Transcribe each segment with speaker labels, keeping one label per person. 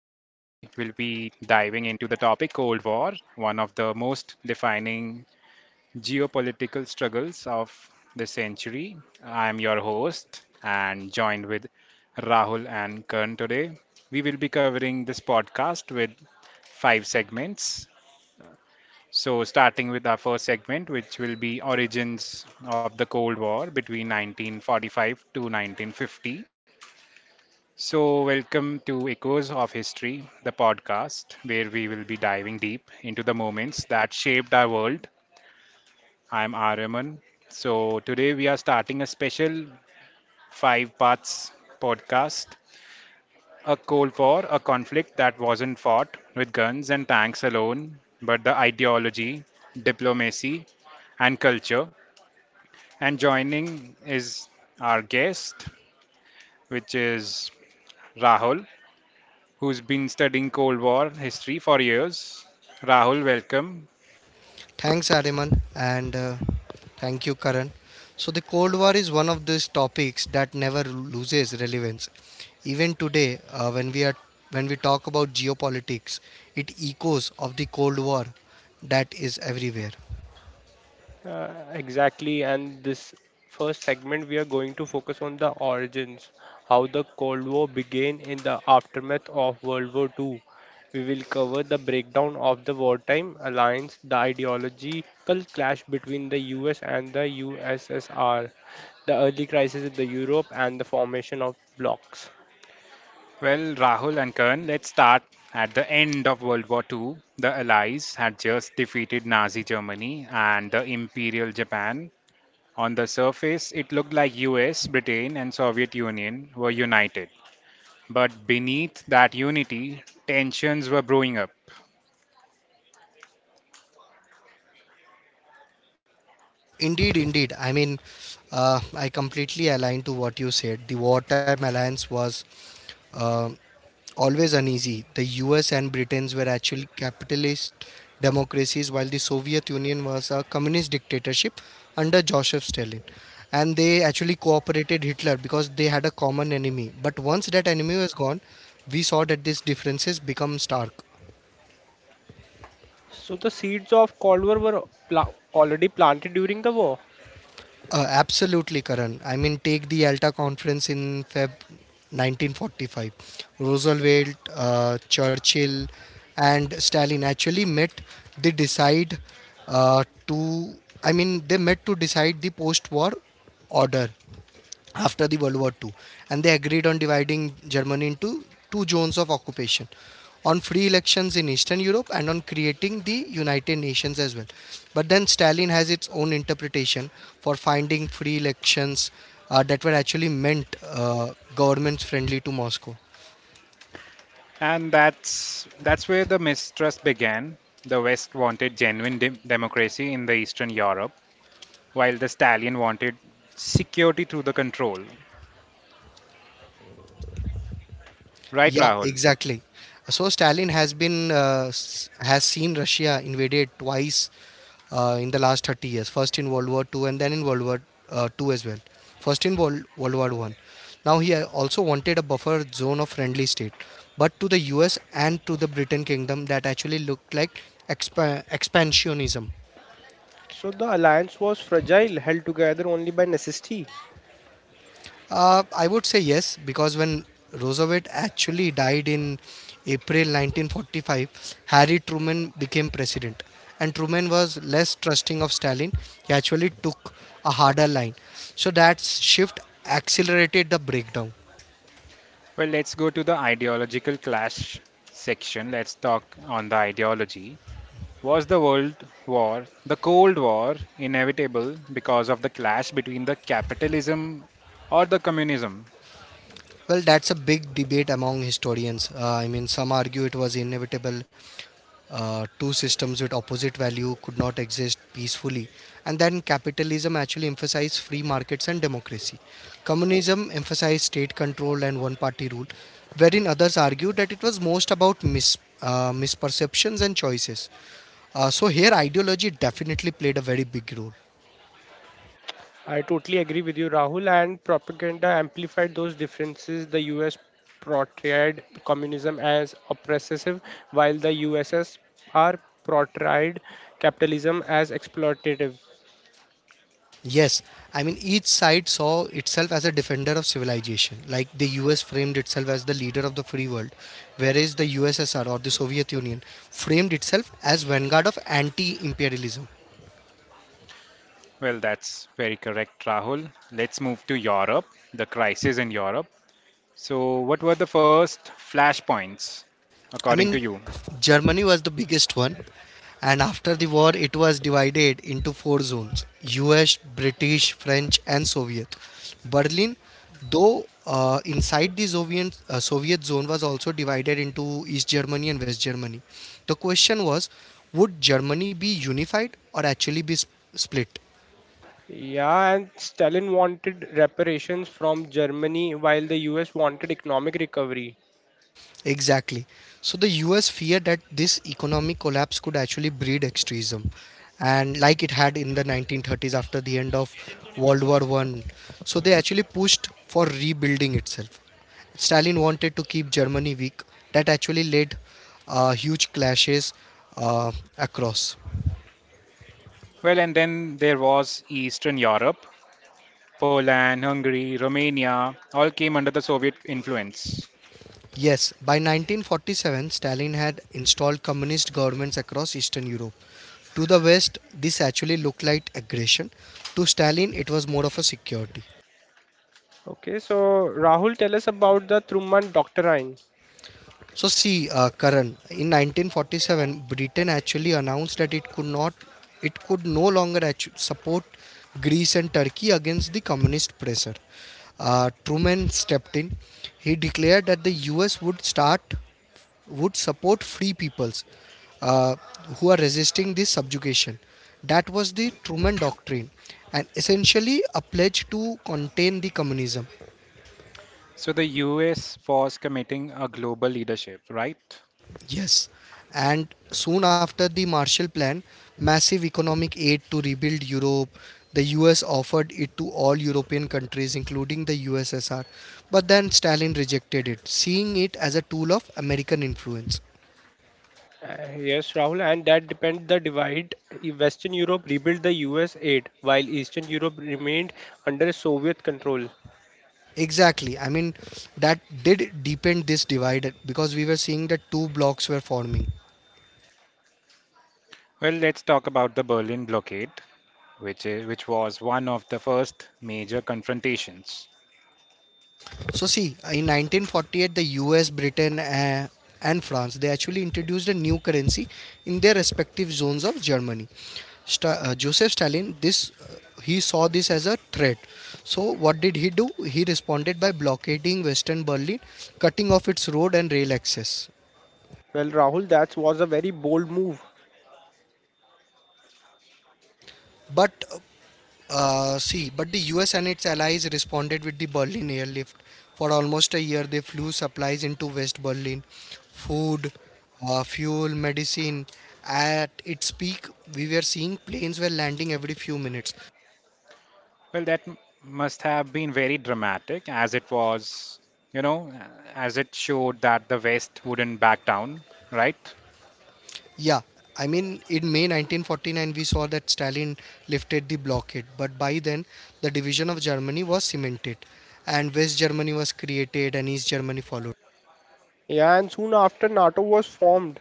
Speaker 1: will be diving into the topic Cold War, one of the most defining geopolitical struggles of the century. I'm your host and joined with Rahul and Kern today. We will be covering this podcast with five segments. So, starting with our first segment, which will be Origins of the Cold War between 1945 to 1950. So, welcome to Echoes of History, the podcast where we will be diving deep into the moments that shaped our world. I'm Araman. So, today we are starting a special five parts podcast a Cold War, a conflict that wasn't fought with guns and tanks alone, but the ideology, diplomacy, and culture. And joining is our guest, which is Rahul, who's been studying Cold War history for years. Rahul, welcome.
Speaker 2: Thanks, Ariman, and thank you, Karan. So, the Cold War is one of these topics that never loses relevance. Even today, when we talk about geopolitics, it echoes of the Cold War that is everywhere.
Speaker 3: Exactly, and this first segment we are going to focus on the origins, how the Cold War began in the aftermath of World War Two. We will cover the breakdown of the wartime alliance, the ideological clash between the US and the USSR, the early crisis in the Europe, and the formation of blocs.
Speaker 1: Well, Rahul and Karan, let's start at the end of World War II. The Allies had just defeated Nazi Germany and the Imperial Japan. On the surface, it looked like US, Britain, and Soviet Union were united. But beneath that unity, tensions were brewing up.
Speaker 2: Indeed, indeed. I completely align to what you said. The wartime alliance was. Um always uneasy. The US and Britain's were actual capitalist democracies, while the Soviet Union was a communist dictatorship under Joseph Stalin. And they actually cooperated Hitler because they had a common enemy. But once that enemy was gone, we saw that these differences become stark.
Speaker 3: So the seeds of Cold War were already planted during the war.
Speaker 2: Absolutely, Karan. I mean, take the Alta Conference in Feb 1945. Roosevelt, Churchill, and Stalin actually met. They decide to, I mean, they met to decide the post war order after the World War II, and they agreed on dividing Germany into two zones of occupation, on free elections in Eastern Europe, and on creating the United Nations as well. But then Stalin has its own interpretation for finding free elections, that were actually meant governments friendly to Moscow.
Speaker 1: And that's where the mistrust began. The West wanted genuine democracy in the Eastern Europe, while the stallion wanted security through the control. Right,
Speaker 2: Yeah,
Speaker 1: Rahul?
Speaker 2: exactly. So Stalin has has seen Russia invaded twice in the last 30 years. First in World War Two, and then in World War II as well. First in World War One. Now he also wanted a buffer zone of friendly state, but to the U.S. and to the Britain Kingdom that actually looked like expansionism.
Speaker 3: So the alliance was fragile, held together only by necessity.
Speaker 2: I would say yes, because when Roosevelt actually died in April 1945, Harry Truman became president. And Truman was less trusting of Stalin. He actually took a harder line. So that shift accelerated the breakdown.
Speaker 1: Well, let's go to the ideological clash section. Let's talk on the ideology. Was the the Cold War, inevitable because of the clash between the capitalism or the communism?
Speaker 2: Well, that's a big debate among historians. Some argue it was inevitable, two systems with opposite value could not exist peacefully, and then capitalism actually emphasized free markets and democracy, communism emphasized state control and one party rule, wherein others argued that it was most about misperceptions and choices. So here ideology definitely played a very big role.
Speaker 3: I totally agree with you, Rahul. And propaganda amplified those differences. The US portrayed communism as oppressive, while the USSR portrayed capitalism as exploitative.
Speaker 2: Yes, I mean, each side saw itself as a defender of civilization. Like the US framed itself as the leader of the free world, whereas the USSR or the Soviet Union framed itself as vanguard of anti imperialism.
Speaker 1: Well, that's very correct, Rahul. Let's move to Europe, the crisis in Europe. So, what were the first flashpoints
Speaker 2: I
Speaker 1: according to
Speaker 2: mean,
Speaker 1: you?
Speaker 2: Germany was the biggest one, and after the war, it was divided into four zones: US, British, French, and Soviet. Berlin, though inside the Soviet zone, was also divided into East Germany and West Germany. The question was, would Germany be unified or actually be split?
Speaker 3: Yeah, and Stalin wanted reparations from Germany, while the US wanted economic recovery.
Speaker 2: Exactly. So the US feared that this economic collapse could actually breed extremism, and like it had in the 1930s after the end of World War One. So they actually pushed for rebuilding itself. Stalin wanted to keep Germany weak. That actually led huge clashes across.
Speaker 1: Well, and then there was Eastern Europe, Poland, Hungary, Romania all came under the Soviet influence.
Speaker 2: Yes, by 1947, Stalin had installed communist governments across Eastern Europe. To the West, this actually looked like aggression. To Stalin, it was more of a security.
Speaker 3: Okay, so Rahul, tell us about the Truman Doctrine.
Speaker 2: So see, Karan, in 1947, Britain actually announced that it could no longer support Greece and Turkey against the communist pressure. Truman stepped in. He declared that the U.S. would start, would support free peoples uh, who are resisting this subjugation. That was the Truman Doctrine, and essentially a pledge to contain the communism.
Speaker 1: So the US was committing a global leadership, right?
Speaker 2: Yes, and soon after the Marshall Plan, massive economic aid to rebuild Europe, the US offered it to all European countries, including the USSR. But then Stalin rejected it, seeing it as a tool of American influence.
Speaker 3: Yes, Rahul, and that depend the divide. Western Europe rebuilt the US aid, while Eastern Europe remained under Soviet control.
Speaker 2: Exactly. I mean, that did deepen this divide because we were seeing that two blocks were forming.
Speaker 1: Well, let's talk about the Berlin blockade, which was one of the first major confrontations.
Speaker 2: So see, in 1948, the U.S., Britain, and France they actually introduced a new currency in their respective zones of Germany. Joseph Stalin, this he saw this as a threat. So what did he do? He responded by blockading Western Berlin, cutting off its road and rail access.
Speaker 3: Well, Rahul, that was a very bold move.
Speaker 2: But but the US and its allies responded with the Berlin airlift. For almost a year, they flew supplies into West Berlin: food, fuel, medicine. At its peak, we were seeing planes were landing every few minutes.
Speaker 1: Well, that must have been very dramatic as it was, you know, as it showed that the West wouldn't back down, right?
Speaker 2: Yeah, I mean, in May 1949, we saw that Stalin lifted the blockade, but by then, the division of Germany was cemented, and West Germany was created, and East Germany followed.
Speaker 3: Yeah, and soon after NATO was formed.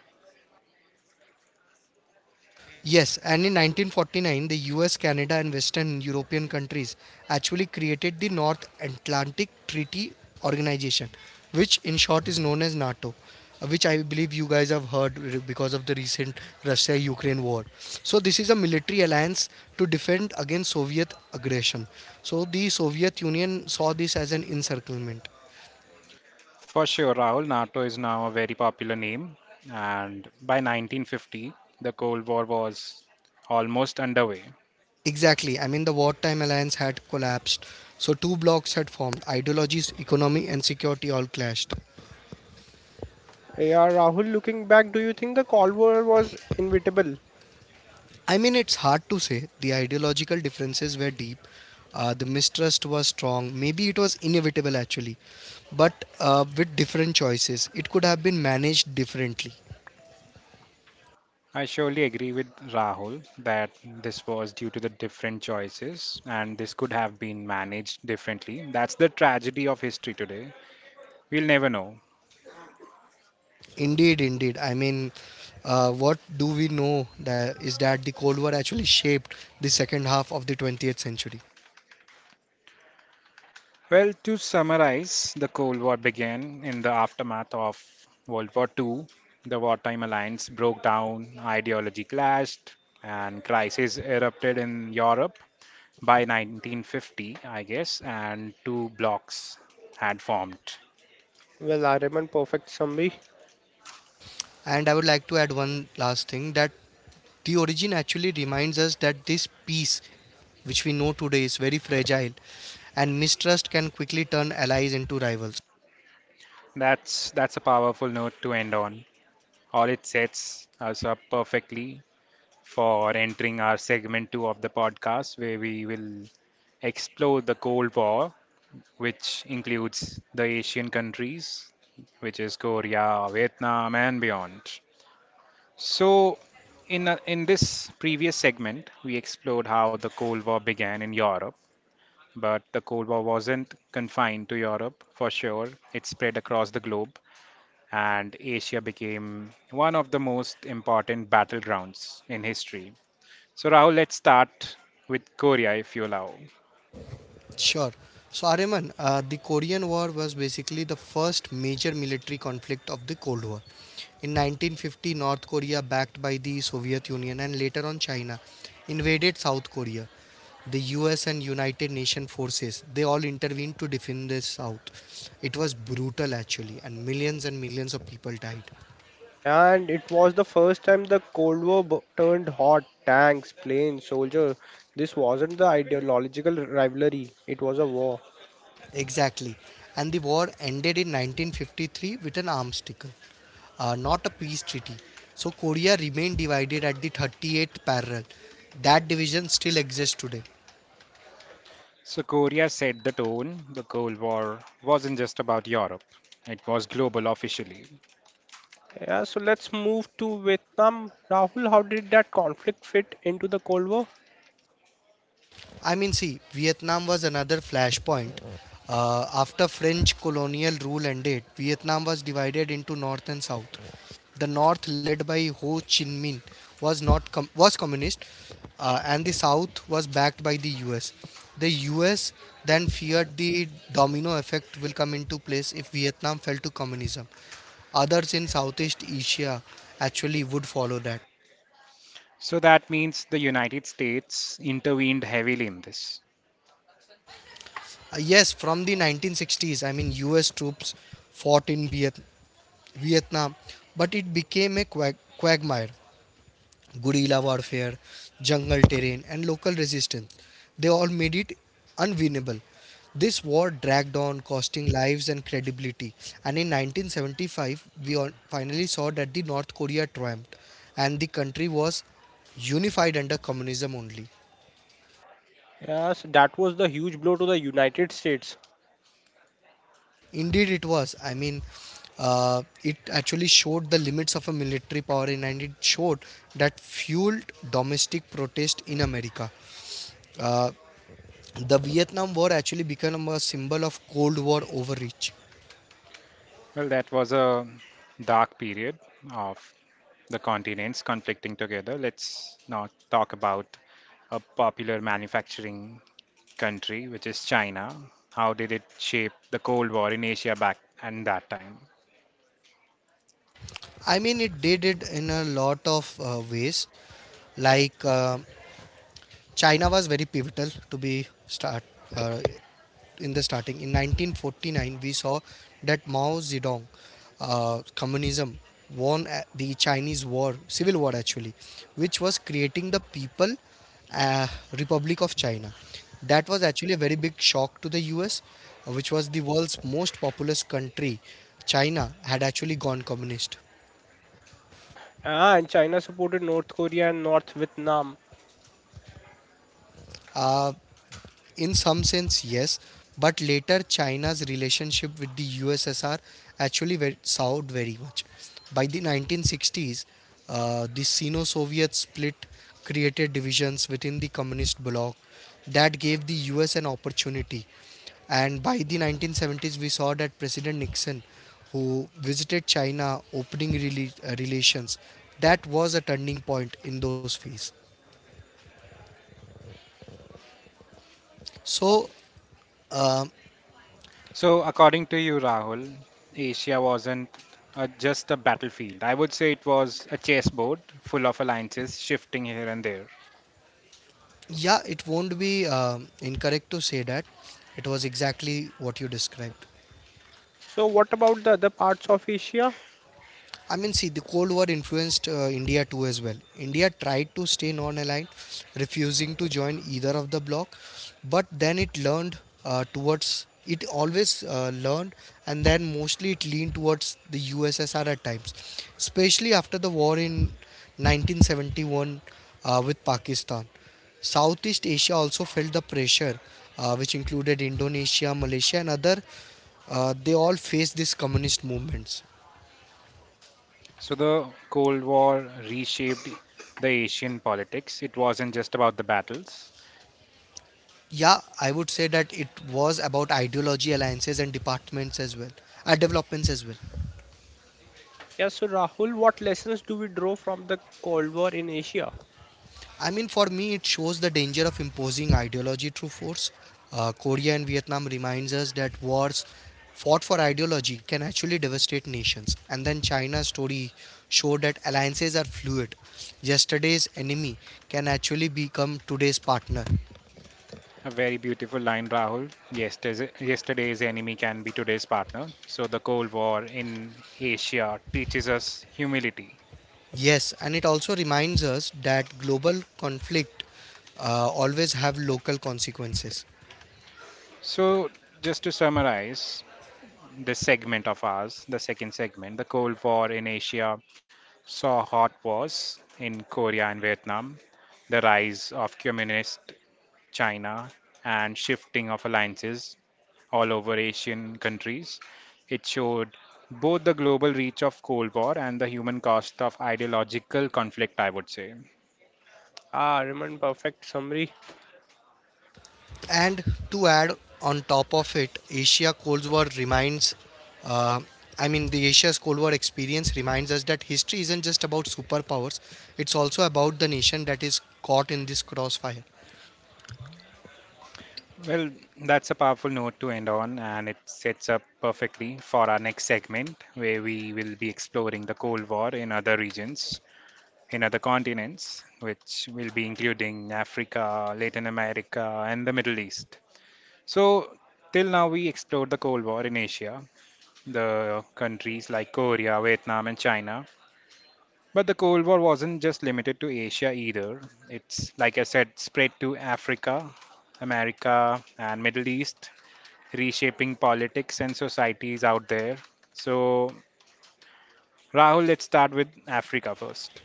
Speaker 2: Yes, and in 1949, the US, Canada, and Western European countries actually created the North Atlantic Treaty Organization, which in short is known as NATO, which I believe you guys have heard because of the recent Russia Ukraine war. So, this is a military alliance to defend against Soviet aggression. So, the Soviet Union saw this as an encirclement.
Speaker 1: For sure, Rahul, NATO is now a very popular name, and by 1950, the Cold War was almost underway.
Speaker 2: Exactly. I mean, the wartime alliance had collapsed. So, two blocs had formed. Ideologies, economy, and security all clashed.
Speaker 3: Yeah, Rahul, looking back, do you think the Cold War was inevitable?
Speaker 2: I mean, it's hard to say. The ideological differences were deep. The mistrust was strong. Maybe it was inevitable actually. But with different choices, it could have been managed differently.
Speaker 1: I surely agree with Rahul that this was due to the different choices and this could have been managed differently. That's the tragedy of history today. We'll never know.
Speaker 2: Indeed, indeed. What do we know that is that the Cold War actually shaped the second half of the 20th century.
Speaker 1: Well, to summarize, the Cold War began in the aftermath of World War II. The wartime alliance broke down, ideology clashed, and crises erupted in Europe by 1950, I guess, and two blocks had formed.
Speaker 3: Well, Ariman, perfect summary.
Speaker 2: And I would like to add one last thing, that the origin actually reminds us that this peace, which we know today, is very fragile, and mistrust can quickly turn allies into rivals.
Speaker 1: That's a powerful note to end on. All it sets us up perfectly for entering our segment two of the podcast, where we will explore the Cold War, which includes the Asian countries, which is Korea, Vietnam, and beyond. So, in this previous segment, we explored how the Cold War began in Europe. But the Cold War wasn't confined to Europe for sure, it spread across the globe, and Asia became one of the most important battlegrounds in history. So, Rahul, let's start with Korea if you allow.
Speaker 2: Sure. So, Ariman, the Korean War was basically the first major military conflict of the Cold War. In 1950, North Korea, backed by the Soviet Union and later on China, invaded South Korea. The US and United Nations forces, they all intervened to defend the South. It was brutal actually, and millions of people died.
Speaker 3: Yeah, and it was the first time the Cold War turned hot. Tanks, planes, soldier. This wasn't the ideological rivalry. It was a war.
Speaker 2: Exactly. And the war ended in 1953 with an arms deal, not a peace treaty. So Korea remained divided at the 38th parallel. That division still exists today.
Speaker 1: So, Korea set the tone. The Cold War wasn't just about Europe, it was global officially.
Speaker 3: Yeah, so let's move to Vietnam. Rahul, how did that conflict fit into the Cold War?
Speaker 2: I mean, see, Vietnam was another flashpoint. After French colonial rule ended, Vietnam was divided into North and South. The North, led by Ho Chi Minh, was not com- was communist, and the South was backed by the U.S. The U.S. then feared the domino effect will come into place if Vietnam fell to communism, others in Southeast Asia actually would follow that.
Speaker 1: So, that means the United States intervened heavily in this.
Speaker 2: Yes, from the 1960s, I mean, US troops fought in Vietnam, but it became a quagmire. Guerrilla warfare, jungle terrain, and local resistance, they all made it unwinnable. This war dragged on, costing lives and credibility. And in 1975, we all finally saw that the North Korea triumphed, and the country was unified under communism only.
Speaker 3: Yes, that was the huge blow to the United States.
Speaker 2: Indeed, it was. It actually showed the limits of a military power, and it showed that fueled domestic protest in America. Uh, the Vietnam War actually became a symbol of Cold War overreach.
Speaker 1: Well, that was a dark period of the continents conflicting together. Let's not talk about a popular manufacturing country, which is China. How did it shape the Cold War in Asia back and that time?
Speaker 2: I mean, it did it in a lot of ways. Like uh, China was very pivotal to be uh, starting. In 1949, we saw that Mao Zedong, communism, won the civil war actually, which was creating the People uh, Republic of China. That was actually a very big shock to the US, which was the world's most populous country. China had actually gone communist.
Speaker 3: Ah, and China supported North Korea and North Vietnam.
Speaker 2: Uh, In some sense, yes, but later China's relationship with the USSR actually went soured very much. By the 1960s, the Sino Soviet split created divisions within the communist bloc that gave the US an opportunity. And by the 1970s, we saw that President Nixon, who visited China, opening relations, that was a turning point in those phases. So, uh,
Speaker 1: So, according to you, Rahul, Asia wasn't just a battlefield. I would say it was a chessboard full of alliances shifting here and there.
Speaker 2: Yeah, it won't be incorrect to say that it was exactly what you described.
Speaker 3: So, what about the other parts of Asia?
Speaker 2: I mean, see, the Cold War influenced India too as well. India tried to stay non aligned, refusing to join either of the bloc, but then it learned towards it always learned and then mostly it leaned towards the USSR at times, especially after the war in 1971 with Pakistan. Southeast Asia also felt the pressure, which included Indonesia, Malaysia, and other. They all faced these communist movements.
Speaker 1: So, the Cold War reshaped the Asian politics. It wasn't just about the battles.
Speaker 2: Yeah, I would say that it was about ideology, alliances, and developments as well.
Speaker 3: Yeah, so Rahul, what lessons do we draw from the Cold War in Asia?
Speaker 2: I mean, for me, it shows the danger of imposing ideology through force. Korea and Vietnam reminds us that wars fought for ideology can actually devastate nations. And then China's story showed that alliances are fluid. Yesterday's enemy can actually become today's partner.
Speaker 1: A very beautiful line, Rahul. Yesterday's enemy can be today's partner. So, the Cold War in Asia teaches us humility.
Speaker 2: Yes, and it also reminds us that global conflict always have local consequences.
Speaker 1: So, just to summarize this segment of ours, the second segment, the Cold War in Asia saw hot wars in Korea and Vietnam, the rise of communist China, and shifting of alliances all over Asian countries. It showed both the global reach of Cold War and the human cost of ideological conflict, I would say.
Speaker 3: Yeah, Raymond, perfect summary.
Speaker 2: And to add on top of it, Asia Cold War reminds, uh, the Asia's Cold War experience reminds us that history isn't just about superpowers, it's also about the nation that is caught in this crossfire.
Speaker 1: Well, that's a powerful note to end on, and it sets up perfectly for our next segment where we will be exploring the Cold War in other regions, in other continents, which will be including Africa, Latin America, and the Middle East. So, till now, we explored the Cold War in Asia, the countries like Korea, Vietnam, and China. But the Cold War wasn't just limited to Asia either. It's, like I said, spread to Africa, America, and Middle East, reshaping politics and societies out there. So, Rahul, let's start with Africa first.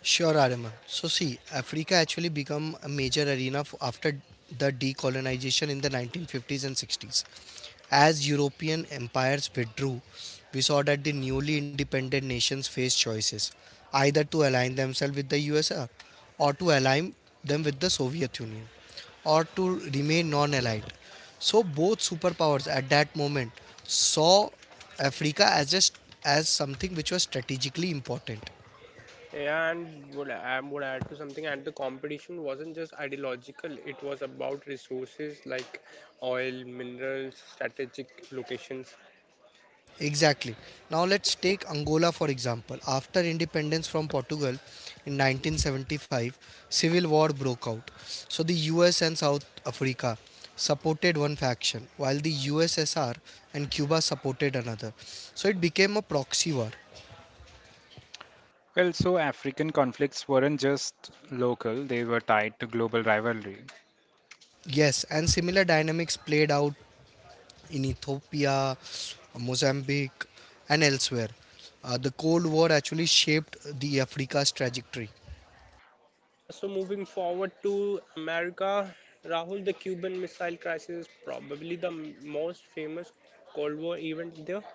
Speaker 2: Sure, Ariman. So, see, Africa actually become a major arena after the decolonization in the 1950s and 60s. As European empires withdrew, we saw that the newly independent nations faced choices either to align themselves with the USSR or to align them with the Soviet Union or to remain non allied. So, both superpowers at that moment saw Africa as, just, as something which was strategically important.
Speaker 3: Yeah, and would I would add to something. And the competition wasn't just ideological; it was about resources like oil, minerals, strategic locations.
Speaker 2: Exactly. Now let's take Angola for example. After independence from Portugal in 1975, civil war broke out. So the US and South Africa supported one faction while the USSR and Cuba supported another. So it became a proxy war.
Speaker 1: Well, so African conflicts weren't just local, they were tied to global rivalry.
Speaker 2: Yes, and similar dynamics played out in Ethiopia, Mozambique, and elsewhere. The Cold War actually shaped the Africa's trajectory.
Speaker 3: Yeah, so moving forward to America, Rahul, the Cuban Missile Crisis is probably the most famous Cold War event there.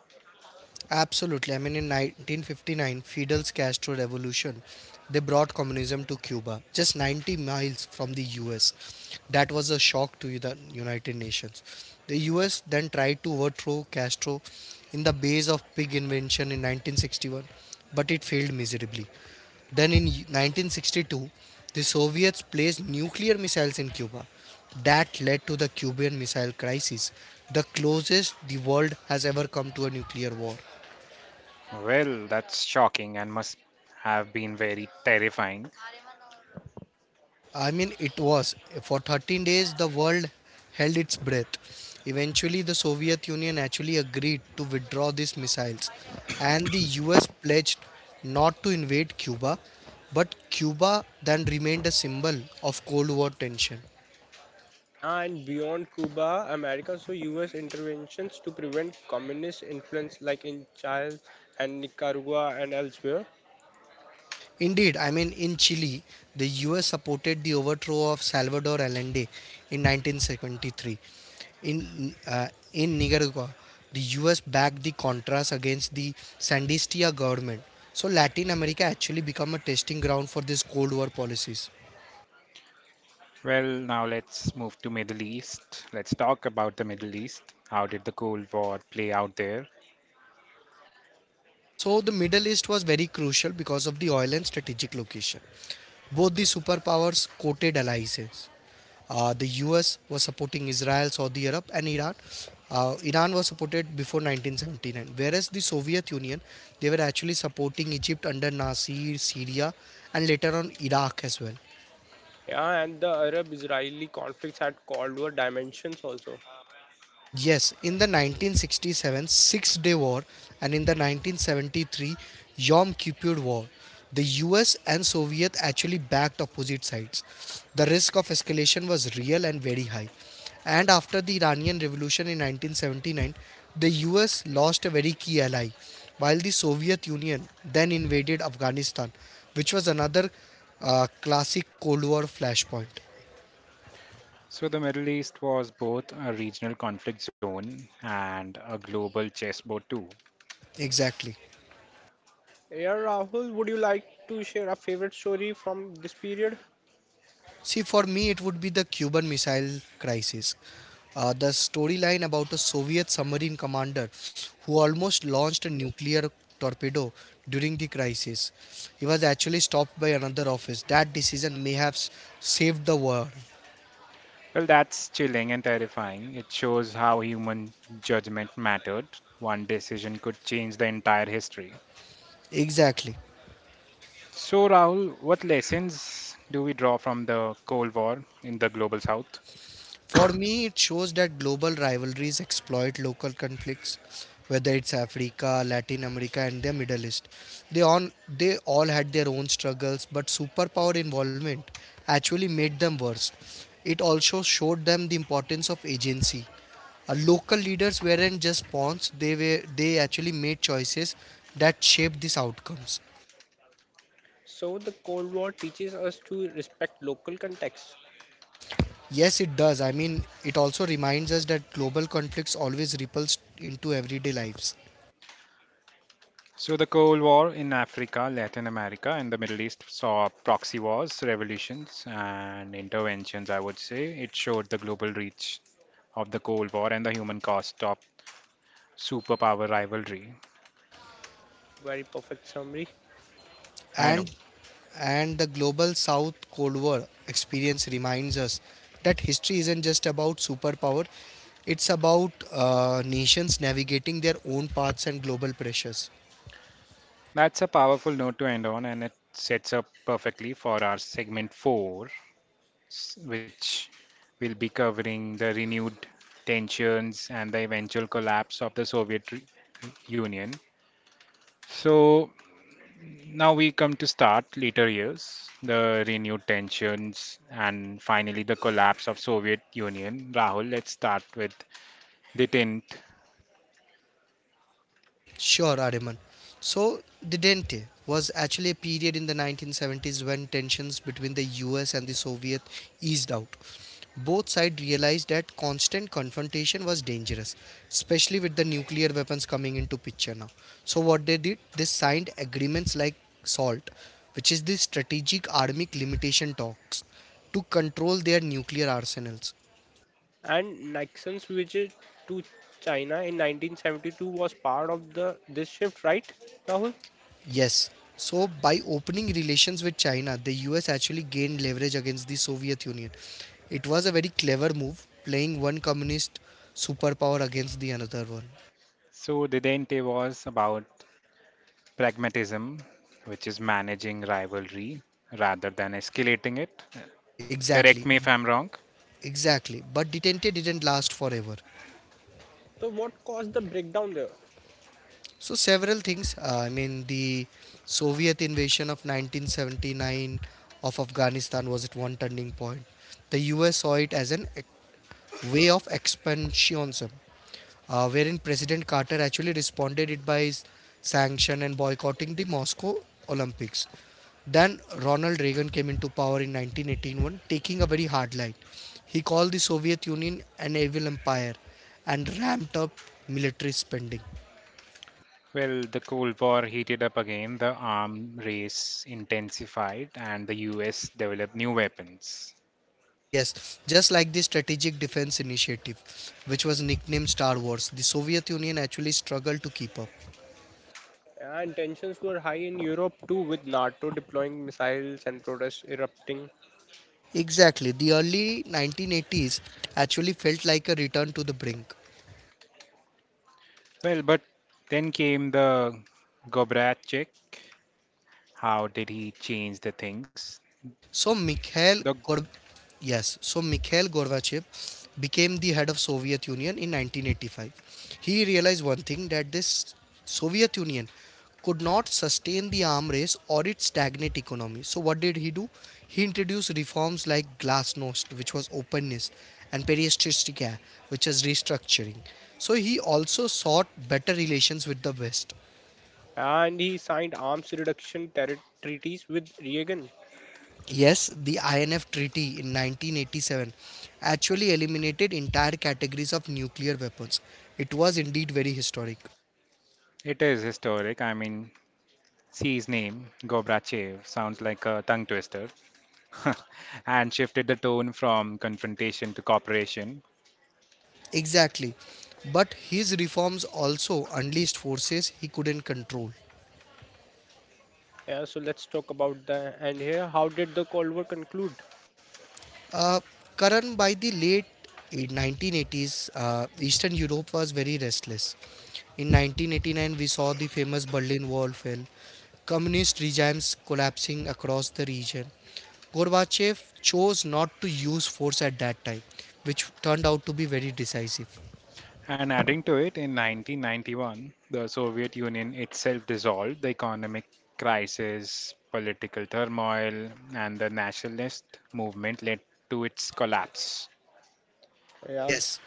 Speaker 2: Absolutely. I mean, in 1959, Fidel's Castro revolution, they brought communism to Cuba, just 90 miles from the US. That was a shock to the United Nations. The US then tried to overthrow Castro in the base of pig invention in 1961, but it failed miserably. Then in 1962, the Soviets placed nuclear missiles in Cuba. That led to the Cuban Missile Crisis, the closest the world has ever come to a nuclear war.
Speaker 1: Well, that's shocking and must have been very terrifying.
Speaker 2: I mean, it was. For 13 days, the world held its breath. Eventually, the Soviet Union actually agreed to withdraw these missiles, and the US pledged not to invade Cuba, but Cuba then remained a symbol of Cold War tension.
Speaker 3: Yeah, and beyond Cuba, America saw U.S. interventions to prevent communist influence, like in Chile and Nicaragua and elsewhere.
Speaker 2: Indeed, I mean, in Chile, the US supported the overthrow of Salvador Allende in 1973. In Nicaragua, the US backed the Contras against the Sandinista government. So Latin America actually became a testing ground for these Cold War policies.
Speaker 1: Well, now let's move to Middle East. Let's talk about the Middle East. How did the Cold War play out there?
Speaker 2: So the Middle East was very crucial because of the oil and strategic location. Both the superpowers courted alliances. The US was supporting Israel, Saudi Arab, and Iran. Iran was supported before 1979, whereas the Soviet Union they were actually supporting Egypt under Nasser, Syria, and later on Iraq as well.
Speaker 3: Yeah, and the Arab-Israeli conflicts had Cold War dimensions also.
Speaker 2: Yes, in the 1967 Six Day War and in the 1973 Yom Kippur War, the US and Soviet actually backed opposite sides. The risk of escalation was real and very high. And after the Iranian Revolution in 1979, the US lost a very key ally, while the Soviet Union then invaded Afghanistan, which was another classic Cold War flashpoint.
Speaker 1: So the Middle East was both a regional conflict zone and a global chessboard too.
Speaker 2: Exactly.
Speaker 3: Yeah, Rahul, would you like to share a favorite story from this period?
Speaker 2: See, for me, it would be the Cuban Missile Crisis. The storyline about a Soviet submarine commander who almost launched a nuclear torpedo during the crisis. He was actually stopped by another office. That decision saved the war.
Speaker 1: Well, that's chilling and terrifying. It shows how human judgment mattered. One decision could change the entire history.
Speaker 2: Exactly.
Speaker 1: So Rahul, what lessons do we draw from the Cold War in the global South?
Speaker 2: For me, it shows that global rivalries exploit local conflicts, whether it's Africa, Latin America, and the Middle East. They on they all had their own struggles, but superpower involvement actually made them worse. It also showed them the importance of agency. Local leaders weren't just pawns; they actually made choices that shaped these outcomes.
Speaker 3: So the Cold War teaches us to respect local context.
Speaker 2: Yes, it does. I mean, it also reminds us that global conflicts always ripples into everyday lives.
Speaker 1: So the Cold War in Africa, Latin America, and the Middle East saw proxy wars, revolutions, and interventions, I would say. It showed the global reach of the Cold War and the human cost of superpower rivalry.
Speaker 3: A very perfect summary.
Speaker 1: I know.
Speaker 2: and and the global south cold war experience reminds us that history isn't just about superpower, it's about nations navigating their own paths and global pressures.
Speaker 1: That's a powerful note to end on, and it sets up perfectly for our segment four, which will be covering the renewed tensions and the eventual collapse of the Soviet Union. So now we come to start later years, the renewed tensions and finally the collapse of Soviet Union. Rahul, let's start with Detente.
Speaker 2: Sure, Ariman. So the dente was actually a period in the 1970s when tensions between the us and the soviet eased out. Both sides realized that constant confrontation was dangerous, especially with the nuclear weapons coming into picture now. So what they did, they signed agreements like SALT, which is the Strategic Armic Limitation Talks, to control their nuclear arsenals.
Speaker 3: And Nixon's visit to China in 1972 was part of the this shift, right, Rahul?
Speaker 2: Yes. So by opening relations with China, the US actually gained leverage against the Soviet Union. It was a very clever move, playing one communist superpower against the another one.
Speaker 1: So Detente was about pragmatism, which is managing rivalry rather than escalating it.
Speaker 2: Exactly.
Speaker 1: Correct me if I'm wrong.
Speaker 2: Exactly, but detente didn't last forever.
Speaker 3: So what caused the breakdown there?
Speaker 2: So several things. The Soviet invasion of 1979 of Afghanistan was at one turning point. The U.S. saw it as way of expansionism, wherein President Carter actually responded it by his sanction and boycotting the Moscow Olympics. Then Ronald Reagan came into power in 1981, taking a very hard line. He called the Soviet Union an evil empire and ramped up military spending.
Speaker 1: Well, the Cold War heated up again, the arms race intensified, and the US developed new weapons.
Speaker 2: Yes, just like the Strategic Defense Initiative, which was nicknamed Star Wars, the Soviet Union actually struggled to keep up.
Speaker 3: And tensions were high in Europe too, with NATO deploying missiles and protests erupting.
Speaker 2: Exactly, the early 1980s actually felt like a return to the brink.
Speaker 1: Well, but then came the Gorbachev. How did he change the things?
Speaker 2: So Mikhail
Speaker 1: Though
Speaker 2: Gor- yes, so Mikhail Gorbachev became the head of Soviet Union in 1985. He realized one thing that this Soviet Union could not sustain the arm race or its stagnant economy. So what did he do? He introduced reforms like glasnost, which was openness, and perestritsika, which is restructuring. So he also sought better relations with the West.
Speaker 3: And he signed arms reduction treaties with Reagan.
Speaker 2: Yes, the INF Treaty in 1987 actually eliminated entire categories of nuclear weapons. It was indeed very historic.
Speaker 1: it is historic, I mean, see his name, Gorbachev, sounds like a tongue twister, and shifted the tone from confrontation to cooperation.
Speaker 2: Exactly. But his reforms also unleashed forces he couldn't control.
Speaker 3: Yeah, so let's talk about the and here. How did the Cold War conclude?
Speaker 2: Uh, Karan, by the late 1980s, Eastern Europe was very restless. In 1989, we saw the famous Berlin Wall fell, communist regimes collapsing across the region. Gorbachev chose not to use force at that time, which turned out to be very decisive.
Speaker 1: And adding to it, in 1991, the Soviet Union itself dissolved, the economic crisis, political turmoil, and the nationalist movement led to its collapse.
Speaker 3: Yeah,
Speaker 2: Yes,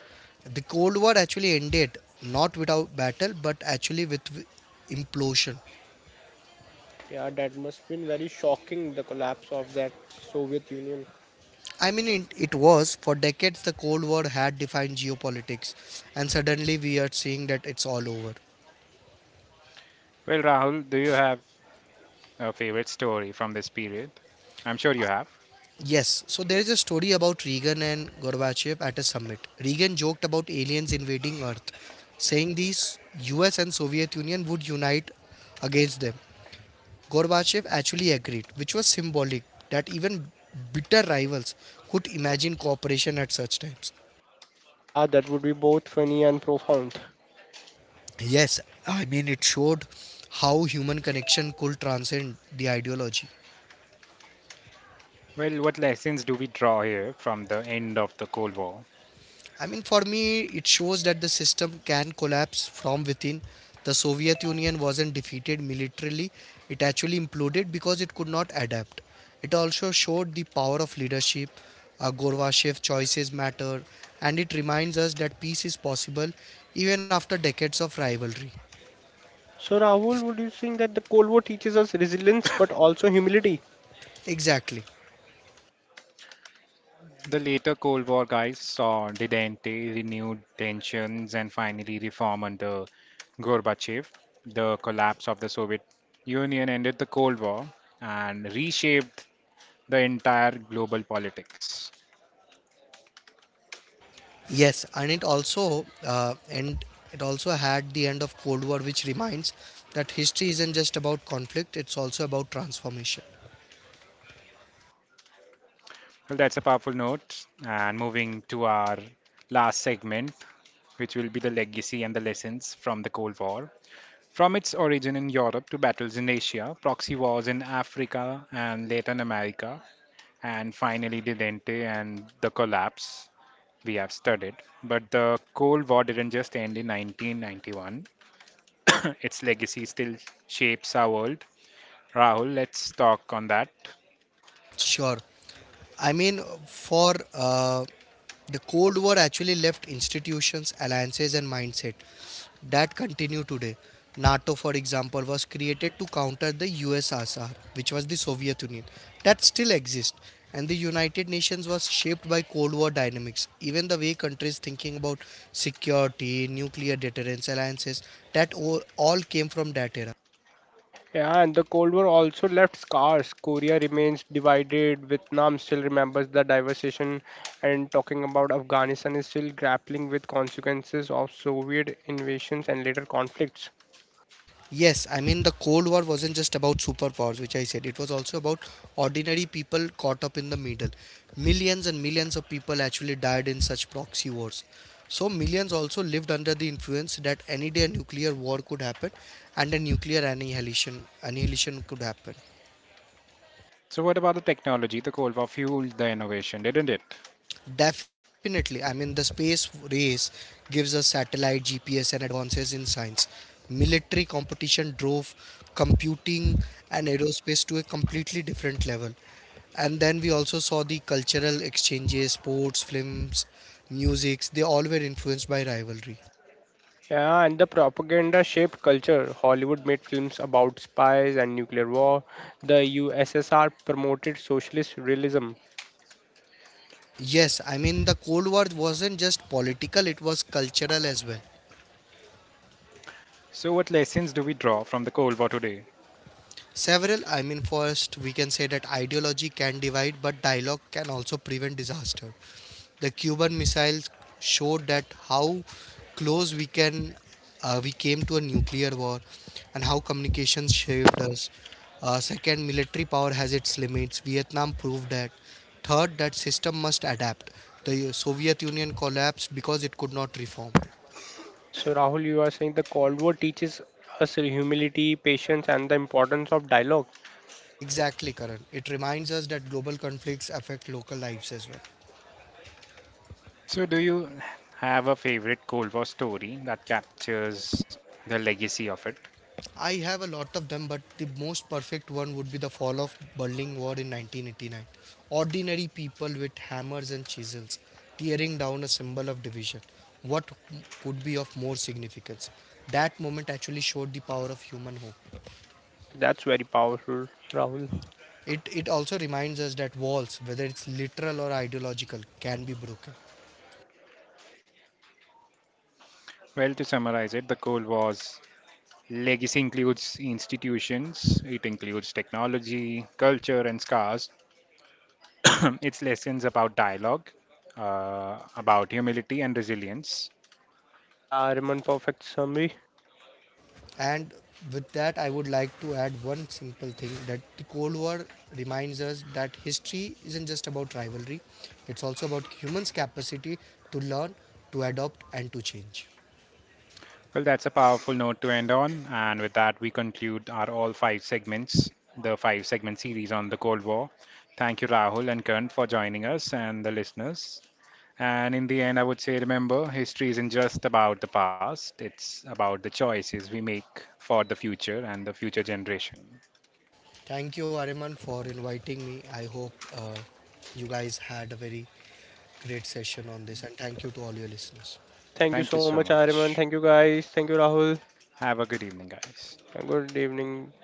Speaker 2: the Cold War actually ended not without battle, but actually implosion.
Speaker 3: yeah, that must been very shocking. The collapse of that Soviet Union.
Speaker 2: I mean, it was for decades the Cold War had defined geopolitics, and suddenly we are seeing that it's all over.
Speaker 1: Well, Rahul, do you have a favorite story from this period? I'm sure you have.
Speaker 2: Yes, so there is a story about Reagan and Gorbachev at a summit. Reagan joked about aliens invading Earth, saying US and Soviet Union would unite against them. Gorbachev actually agreed, which was symbolic that even bitter rivals could imagine cooperation at such times.
Speaker 3: Yeah, that would be both funny and profound.
Speaker 2: Yes, I mean, it showed how human connection could transcend the ideology.
Speaker 1: Well, what lessons do we draw here from the end of the Cold War?
Speaker 2: I mean, for me, it shows that the system can collapse from within. The Soviet Union wasn't defeated militarily, it actually imploded because it could not adapt. It also showed the power of leadership. Gorbachev choices matter, and it reminds us that peace is possible even after decades of rivalry.
Speaker 3: So, Rahul, would you think that the Cold War teaches us resilience but also humility?
Speaker 2: Exactly.
Speaker 1: The later Cold War guys saw detente, renewed tensions, and finally reform under Gorbachev. The collapse of the Soviet Union ended the Cold War and reshaped the entire global politics.
Speaker 2: Yes, and it also had the end of Cold War, which reminds that history isn't just about conflict; it's also about transformation.
Speaker 1: Well, that's a powerful note. And moving to our last segment, which will be the legacy and the lessons from the Cold War. From its origin in Europe to battles in Asia, proxy wars in Africa and Latin America, and finally the Delente and the collapse we have studied. But the Cold War didn't just end in 1991, its legacy still shapes our world. Rahul, let's talk on that.
Speaker 2: Sure. I mean, for the Cold War actually left institutions, alliances, and mindset that continue today. NATO, for example, was created to counter the USSR, which was the Soviet Union, that still exists. And the United Nations was shaped by Cold War dynamics. Even the way countries thinking about security, nuclear deterrence, alliances, all came from that era.
Speaker 3: Yeah, and the Cold War also left scars. Korea remains divided, Vietnam still remembers the devastation, and talking about Afghanistan is still grappling with consequences of Soviet invasions and later conflicts.
Speaker 2: Yes, I mean the Cold War wasn't just about superpowers, which I said. It was also about ordinary people caught up in the middle. Millions and millions of people actually died in such proxy wars. So millions also lived under the influence that any day a nuclear war could happen and a nuclear annihilation could happen.
Speaker 1: So, what about the technology? The Cold War fueled the innovation, didn't it?
Speaker 2: Definitely, I mean the space race gives us satellite, GPS and advances in science. Military competition drove computing and aerospace to a completely different level, and then we also saw the cultural exchanges, sports, films, musics, they all were influenced by rivalry.
Speaker 3: Yeah, and the propaganda shaped culture. Hollywood made films about spies and nuclear war. The USSR promoted socialist realism.
Speaker 2: Yes, I mean the cold war wasn't just political, it was cultural as well.
Speaker 1: So, what lessons do we draw from the Cold War today?
Speaker 2: Several, I mean, first we can say that ideology can divide, but dialogue can also prevent disaster. The Cuban missiles showed that how close we came to a nuclear war, and how communications shaped us. Second, military power has its limits. Vietnam proved that. Third, that system must adapt. The Soviet Union collapsed because it could not reform.
Speaker 3: Yeah, so, Rahul, you are saying the Cold War teaches us humility, patience, and the importance of dialogue.
Speaker 2: Exactly, Karan. It reminds us that global conflicts affect local lives as well.
Speaker 1: So, do you have a favorite Cold War story that captures the legacy of it?
Speaker 2: I have a lot of them, but the most perfect one would be the fall of Berlin Wall in 1989. Ordinary people with hammers and chisels tearing down a symbol of division. What could be of more significance? That moment actually showed the power of human hope.
Speaker 3: Yeah, that's very powerful, Rahul.
Speaker 2: It also reminds us that walls, whether it's literal or ideological, can be broken.
Speaker 1: Well, to summarize it, the goal was legacy includes institutions, it includes technology, culture, and scars. Its lessons about dialogue, about humility and resilience.
Speaker 3: Yeah, Ariman, perfect summary.
Speaker 2: And with that, I would like to add one simple thing that the Cold War reminds us that history isn't just about rivalry, it's also about humans' capacity to learn, to adopt, and to change.
Speaker 1: Well, that's a powerful note to end on. And with that, we conclude our all five segments, the five segment series on the Cold War. Thank you, Rahul and Kern, for joining us and the listeners. And in the end, I would say remember, history isn't just about the past, it's about the choices we make for the future and the future generation.
Speaker 2: Thank you, Ariman, for inviting me. I hope you guys had a very great session on this, and thank you to all your listeners.
Speaker 3: Thank
Speaker 1: Thank
Speaker 3: you
Speaker 1: you
Speaker 3: so
Speaker 1: so
Speaker 3: much, Ariman.
Speaker 1: much.
Speaker 3: Thank you, guys. Thank you, Rahul.
Speaker 1: Have a good evening, guys.
Speaker 3: Good evening.